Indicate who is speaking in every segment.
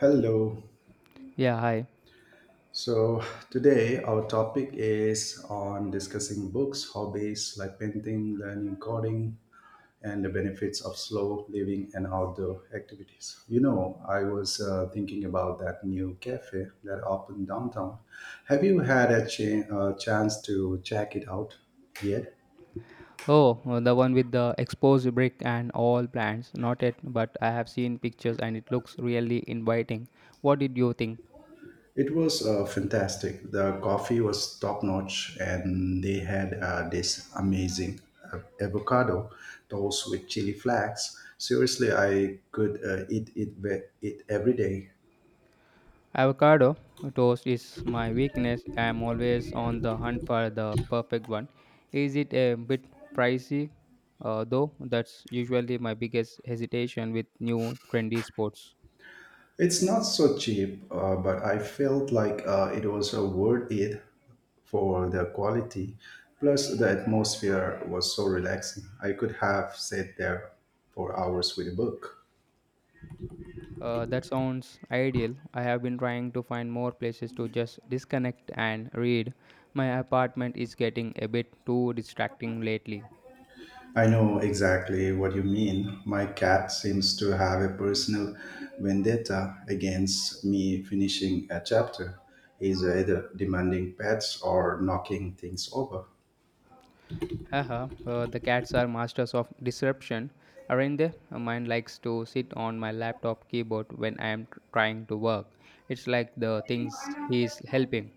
Speaker 1: Hello.
Speaker 2: Yeah, hi.
Speaker 1: So today our topic is on discussing books, hobbies like painting, learning coding, and the benefits of slow living and outdoor activities. You know, I was thinking about that new cafe that opened downtown. Have you had a chance to check it out yet?
Speaker 2: Oh, the one with the exposed brick and all plants. Not yet, but I have seen pictures and it looks really inviting. What did you think?
Speaker 1: It was fantastic. The coffee was top notch, and they had this amazing avocado toast with chili flakes. Seriously, I could eat it every day.
Speaker 2: Avocado toast is my weakness. I am always on the hunt for the perfect one. Is it a bit pricey? Though that's usually my biggest hesitation with new trendy sports.
Speaker 1: It's not so cheap, but I felt like it was worth it for the quality. Plus, the atmosphere was so relaxing. I could have sat there for hours with a book.
Speaker 2: That sounds ideal. I have been trying to find more places to just disconnect and read. My apartment is getting a bit too distracting lately.
Speaker 1: I know exactly what you mean. My cat seems to have a personal vendetta against me finishing a chapter. He's either demanding pets or knocking things over.
Speaker 2: Haha, the cats are masters of disruption, aren't they? Mine likes to sit on my laptop keyboard when I am trying to work. It's like the things he's helping.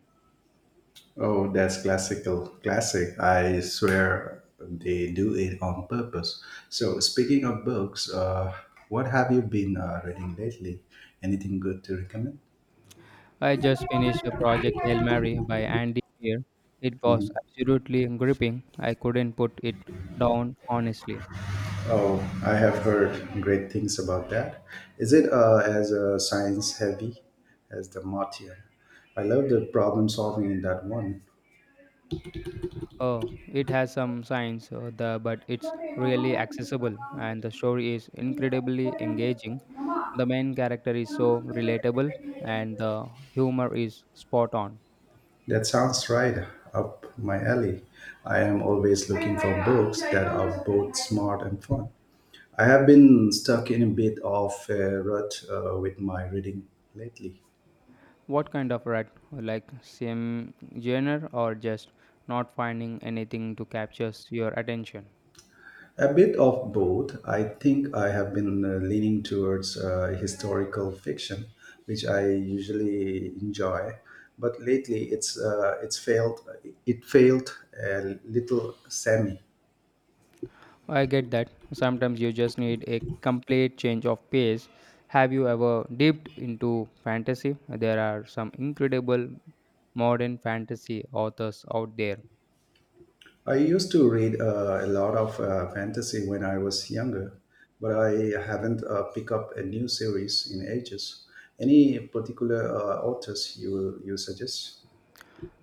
Speaker 1: Oh, that's classical. Classic. I swear they do it on purpose. So, speaking of books, what have you been reading lately? Anything good to recommend?
Speaker 2: I just finished A Project Hail Mary by Andy Weir. It was absolutely gripping. I couldn't put it down honestly.
Speaker 1: Oh, I have heard great things about that. Is it as science heavy as the Martian? I love the problem solving in that one.
Speaker 2: Oh, it has some science, but it's really accessible, and the story is incredibly engaging. The main character is so relatable, and the humor is spot on.
Speaker 1: That sounds right up my alley. I am always looking for books that are both smart and fun. I have been stuck in a bit of a rut with my reading lately.
Speaker 2: What kind of rat? Like same genre, or just not finding anything to capture your attention?
Speaker 1: A bit of both. I think I have been leaning towards historical fiction, which I usually enjoy, but lately it's failed. It failed a little semi.
Speaker 2: I get that. Sometimes you just need a complete change of pace. Have you ever dipped into fantasy? There are some incredible modern fantasy authors out there.
Speaker 1: I used to read a lot of fantasy when I was younger, but I haven't picked up a new series in ages. Any particular authors you suggest?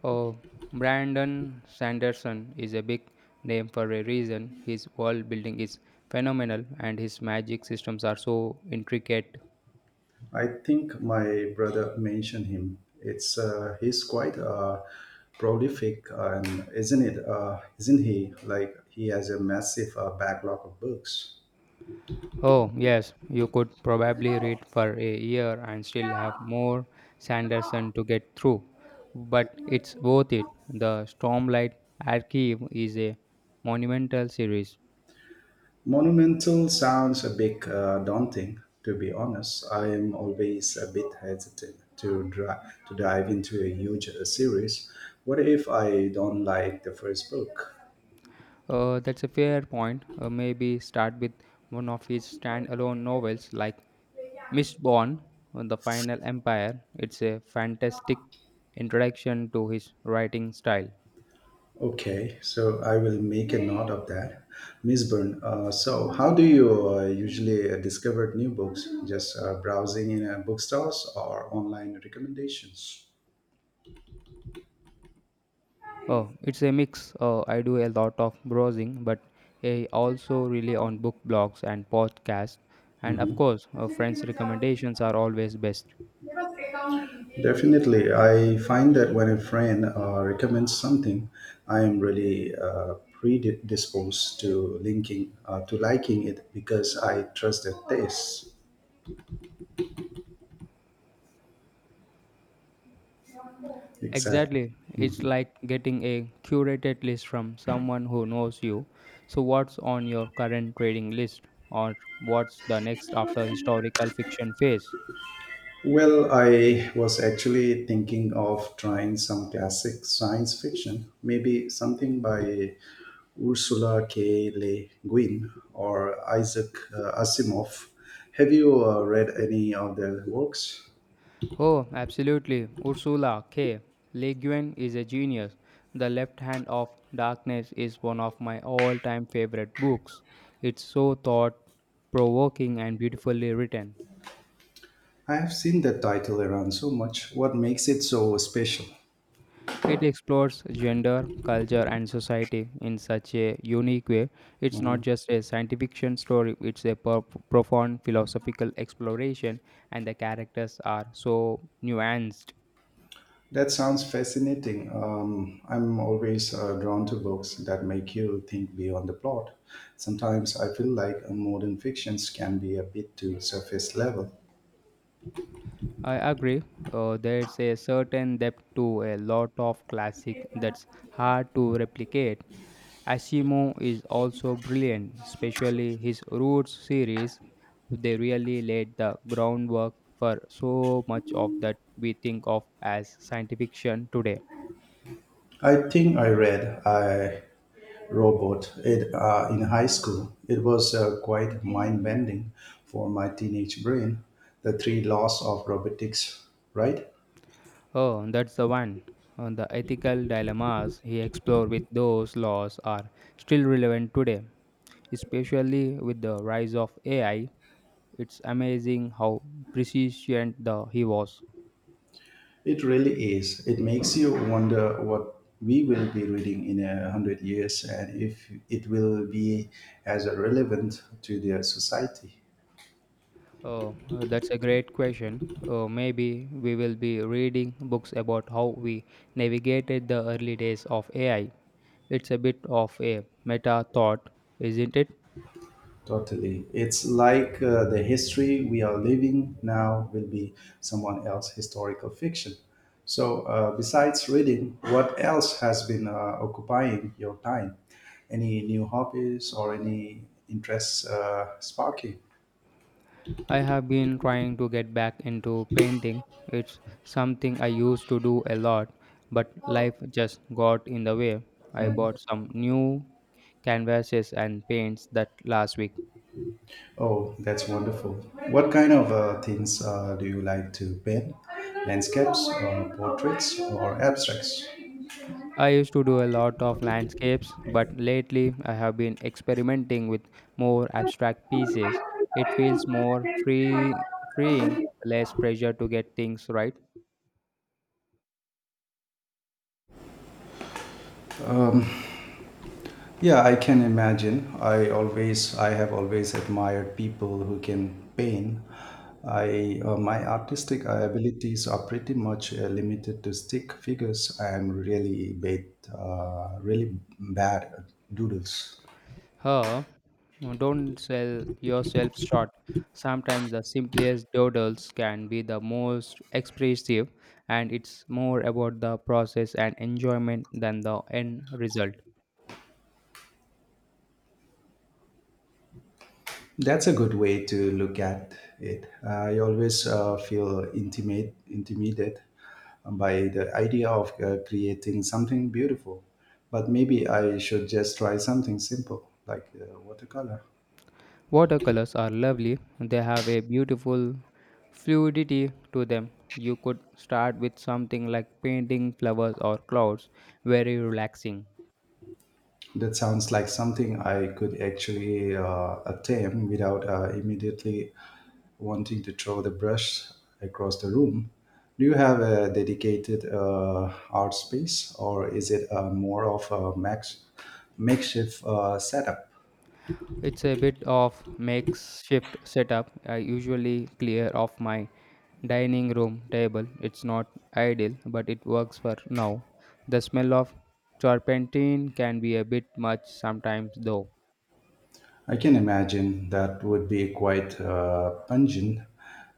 Speaker 2: Oh, Brandon Sanderson is a big name for a reason. His world building is phenomenal and his magic systems are so intricate.
Speaker 1: I think my brother mentioned him. It's He's quite prolific, and isn't it? Isn't he? Like he has a massive backlog of books.
Speaker 2: Oh, yes, you could probably read for a year and still have more Sanderson to get through, but it's worth it. The Stormlight Archive is a monumental series.
Speaker 1: Monumental sounds a bit daunting, to be honest. I am always a bit hesitant to to dive into a huge series. What if I don't like the first book?
Speaker 2: That's a fair point. Maybe start with one of his standalone novels like Mistborn, The Final Empire. It's a fantastic introduction to his writing style.
Speaker 1: Okay, so I will make a note of that. Miss Byrne, so how do you usually discover new books? Just browsing in bookstores or online recommendations?
Speaker 2: Oh, it's a mix. I do a lot of browsing, but I also rely on book blogs and podcasts. And of
Speaker 1: Mhm.
Speaker 2: course, friends' recommendations are always best.
Speaker 1: Definitely. I find that when a friend recommends something, I am really predisposed to linking to liking it because I trust their taste. Exactly.
Speaker 2: Exactly. It's
Speaker 1: Mhm.
Speaker 2: like getting a curated list from someone who knows you. So, what's on your current trading list, or what's the next after historical fiction phase?
Speaker 1: Well, I was actually thinking of trying some classic science fiction, maybe something by Ursula K. Le Guin or Isaac Asimov. Have you read any of their works?
Speaker 2: Oh, absolutely. Ursula K. Le Guin is a genius. The Left Hand of Darkness is one of my all time favorite books. It's so thought provoking and beautifully written.
Speaker 1: I have seen that title around so much. What makes it so special?
Speaker 2: It explores gender, culture, and society in such a unique way. It's not
Speaker 1: Mm-hmm.
Speaker 2: just a science fiction story, it's a profound philosophical exploration, and the characters are so nuanced.
Speaker 1: That sounds fascinating. I'm always drawn to books that make you think beyond the plot. Sometimes I feel like modern fictions can be a bit too surface level.
Speaker 2: I agree. There's a certain depth to a lot of classic that's hard to replicate. Asimo is also brilliant, especially his Roots series. They really laid the groundwork for so much of that we think of as science fiction today.
Speaker 1: I think I read I Robot it in high school. It was quite mind bending for my teenage brain. The three laws of robotics, right?
Speaker 2: Oh, that's the one. On the ethical dilemmas he explored with those laws are still relevant today, especially with the rise of AI. It's amazing how prescient the he was.
Speaker 1: It really is. It makes you wonder what we will be reading in a hundred years and if it will be as relevant to the society.
Speaker 2: Uh, that's a great question. Maybe we will be reading books about how we navigated the early days of AI. It's a bit of a meta thought, isn't it?
Speaker 1: Totally. It's like the history we are living now will be someone else's historical fiction. So, besides reading, what else has been occupying your time? Any new hobbies or any interests sparking?
Speaker 2: I have been trying to get back into painting. It's something I used to do a lot, but life just got in the way. I bought some new canvases and paints that last week.
Speaker 1: Oh, that's wonderful. What kind of things do you like to paint? Landscapes, portraits, or abstracts?
Speaker 2: I used to do a lot of landscapes, but lately I have been experimenting with more abstract pieces. It feels more freeing, less pressure to get things right.
Speaker 1: Um, yeah, I can imagine. I have always admired people who can paint. My artistic abilities are pretty much limited to stick figures. I am really bad at doodles.
Speaker 2: Huh? Don't sell yourself short. Sometimes the simplest doodles can be the most expressive, and it's more about the process and enjoyment than the end result.
Speaker 1: That's a good way to look at it. I always intimidated by the idea of creating something beautiful, but maybe I should just try something simple like watercolor.
Speaker 2: Watercolors are lovely, they have a beautiful fluidity to them. You could start with something like painting flowers or clouds, very relaxing.
Speaker 1: That sounds like something I could actually attempt without immediately wanting to throw the brush across the room. Do you have a dedicated art space, or is it more of a makeshift setup?
Speaker 2: It's a bit of makeshift setup. I usually clear off my dining room table. It's not ideal, but it works for now. The smell of turpentine can be a bit much sometimes, though.
Speaker 1: I can imagine that would be quite pungent.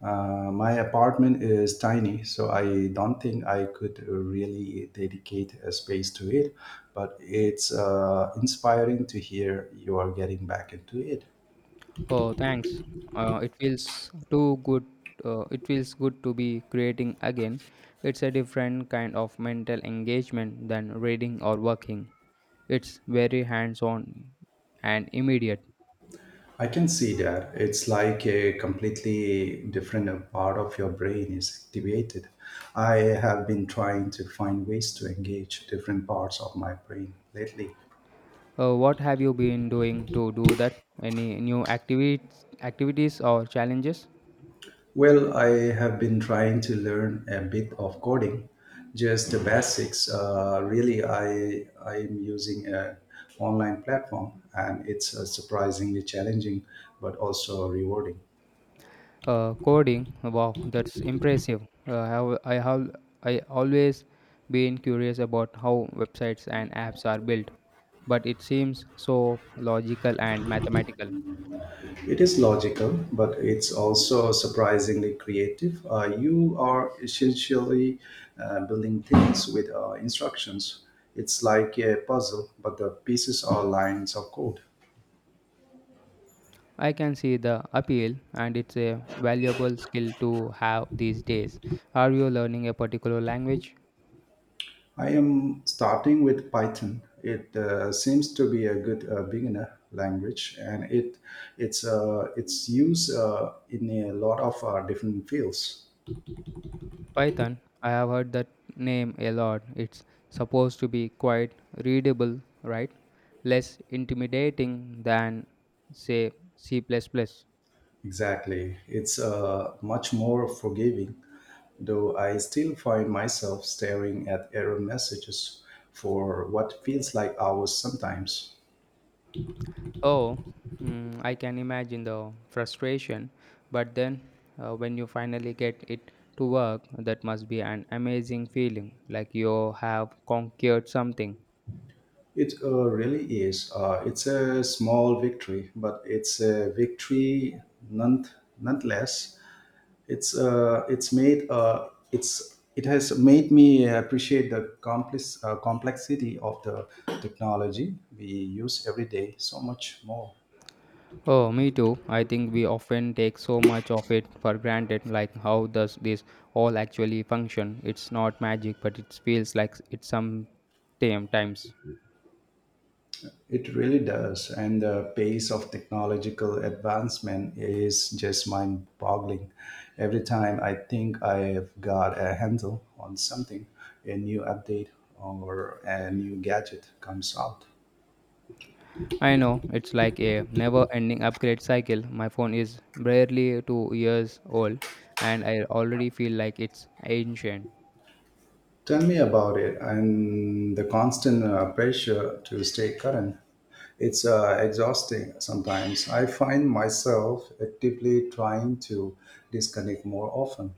Speaker 1: My apartment is tiny, so I don't think I could really dedicate a space to it. But it's inspiring to hear you are getting back into it.
Speaker 2: Oh, thanks. It feels too good. It feels good to be creating again. It's a different kind of mental engagement than reading or working. It's very hands on and immediate.
Speaker 1: I can see that. It's like a completely different part of your brain is activated. I have been trying to find ways to engage different parts of my brain lately.
Speaker 2: What have you been doing to do that? Any new activities or challenges?
Speaker 1: Well, I have been trying to learn a bit of coding, just the basics. Really, I'm using an online platform, and it's surprisingly challenging, but also rewarding.
Speaker 2: Coding, wow, that's impressive. Uh, I have, I have, I always been curious about how websites and apps are built, but it seems so logical and mathematical.
Speaker 1: It is logical, but it's also surprisingly creative. You are essentially building things with instructions. It's like a puzzle, but the pieces are lines of code.
Speaker 2: I can see the appeal, and it's a valuable skill to have these days. Are you learning a particular language?
Speaker 1: I am starting with Python. It seems to be a good beginner language, and it's used in a lot of different fields.
Speaker 2: Python. I have heard that name a lot. It's supposed to be quite readable, right? Less intimidating than, say, C++. Plus plus.
Speaker 1: Exactly. It's much more forgiving, though I still find myself staring at error messages for what feels like hours sometimes.
Speaker 2: Oh, mm, I can imagine the frustration, but then when you finally get it to work, that must be an amazing feeling, like you have conquered something.
Speaker 1: It really is. It's a small victory, but it's a victory none, nonetheless. It's it has made me appreciate the complexity of the technology we use every day so much more.
Speaker 2: Oh, me too. I think we often take so much of it for granted, like how does this all actually function? It's not magic, but it feels like it's sometimes.
Speaker 1: It really does. And the pace of technological advancement is just mind boggling. Every time I think I've got a handle on something, a new update or a new gadget comes out.
Speaker 2: I know, it's like a never ending upgrade cycle. My phone is barely two years old and I already feel like it's ancient.
Speaker 1: Tell me about it and the constant pressure to stay current. It's exhausting sometimes. I find myself actively trying to disconnect more often.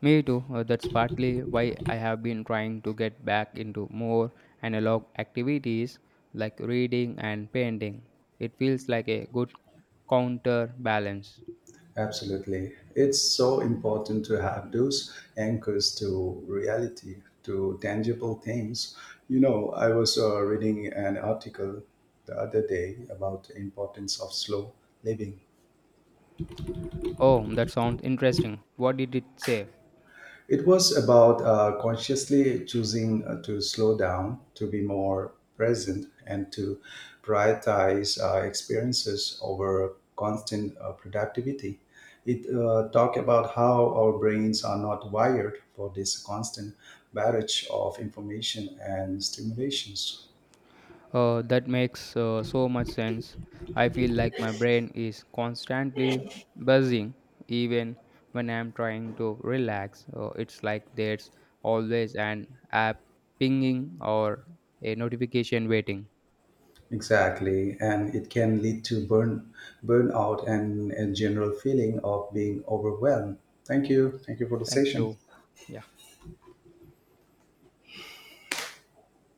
Speaker 2: Me too, that's partly why I have been trying to get back into more analog activities like reading and painting. It feels like a good counterbalance.
Speaker 1: Absolutely. It's so important to have those anchors to reality, to tangible things. You know, I was reading an article the other day about the importance of slow living.
Speaker 2: Oh, that sounds interesting. What did it say?
Speaker 1: It was about consciously choosing to slow down, to be more present, and to prioritize experiences over constant productivity. It talked about how our brains are not wired for this constant barrage of information and stimulations.
Speaker 2: That makes so much sense. I feel like my brain is constantly buzzing even when I'm trying to relax. It's like there's always an app pinging or a notification waiting.
Speaker 1: Exactly, and it can lead to burnout and a general feeling of being overwhelmed. Thank you. Thank you for the
Speaker 2: Thank
Speaker 1: session.
Speaker 2: you. Yeah.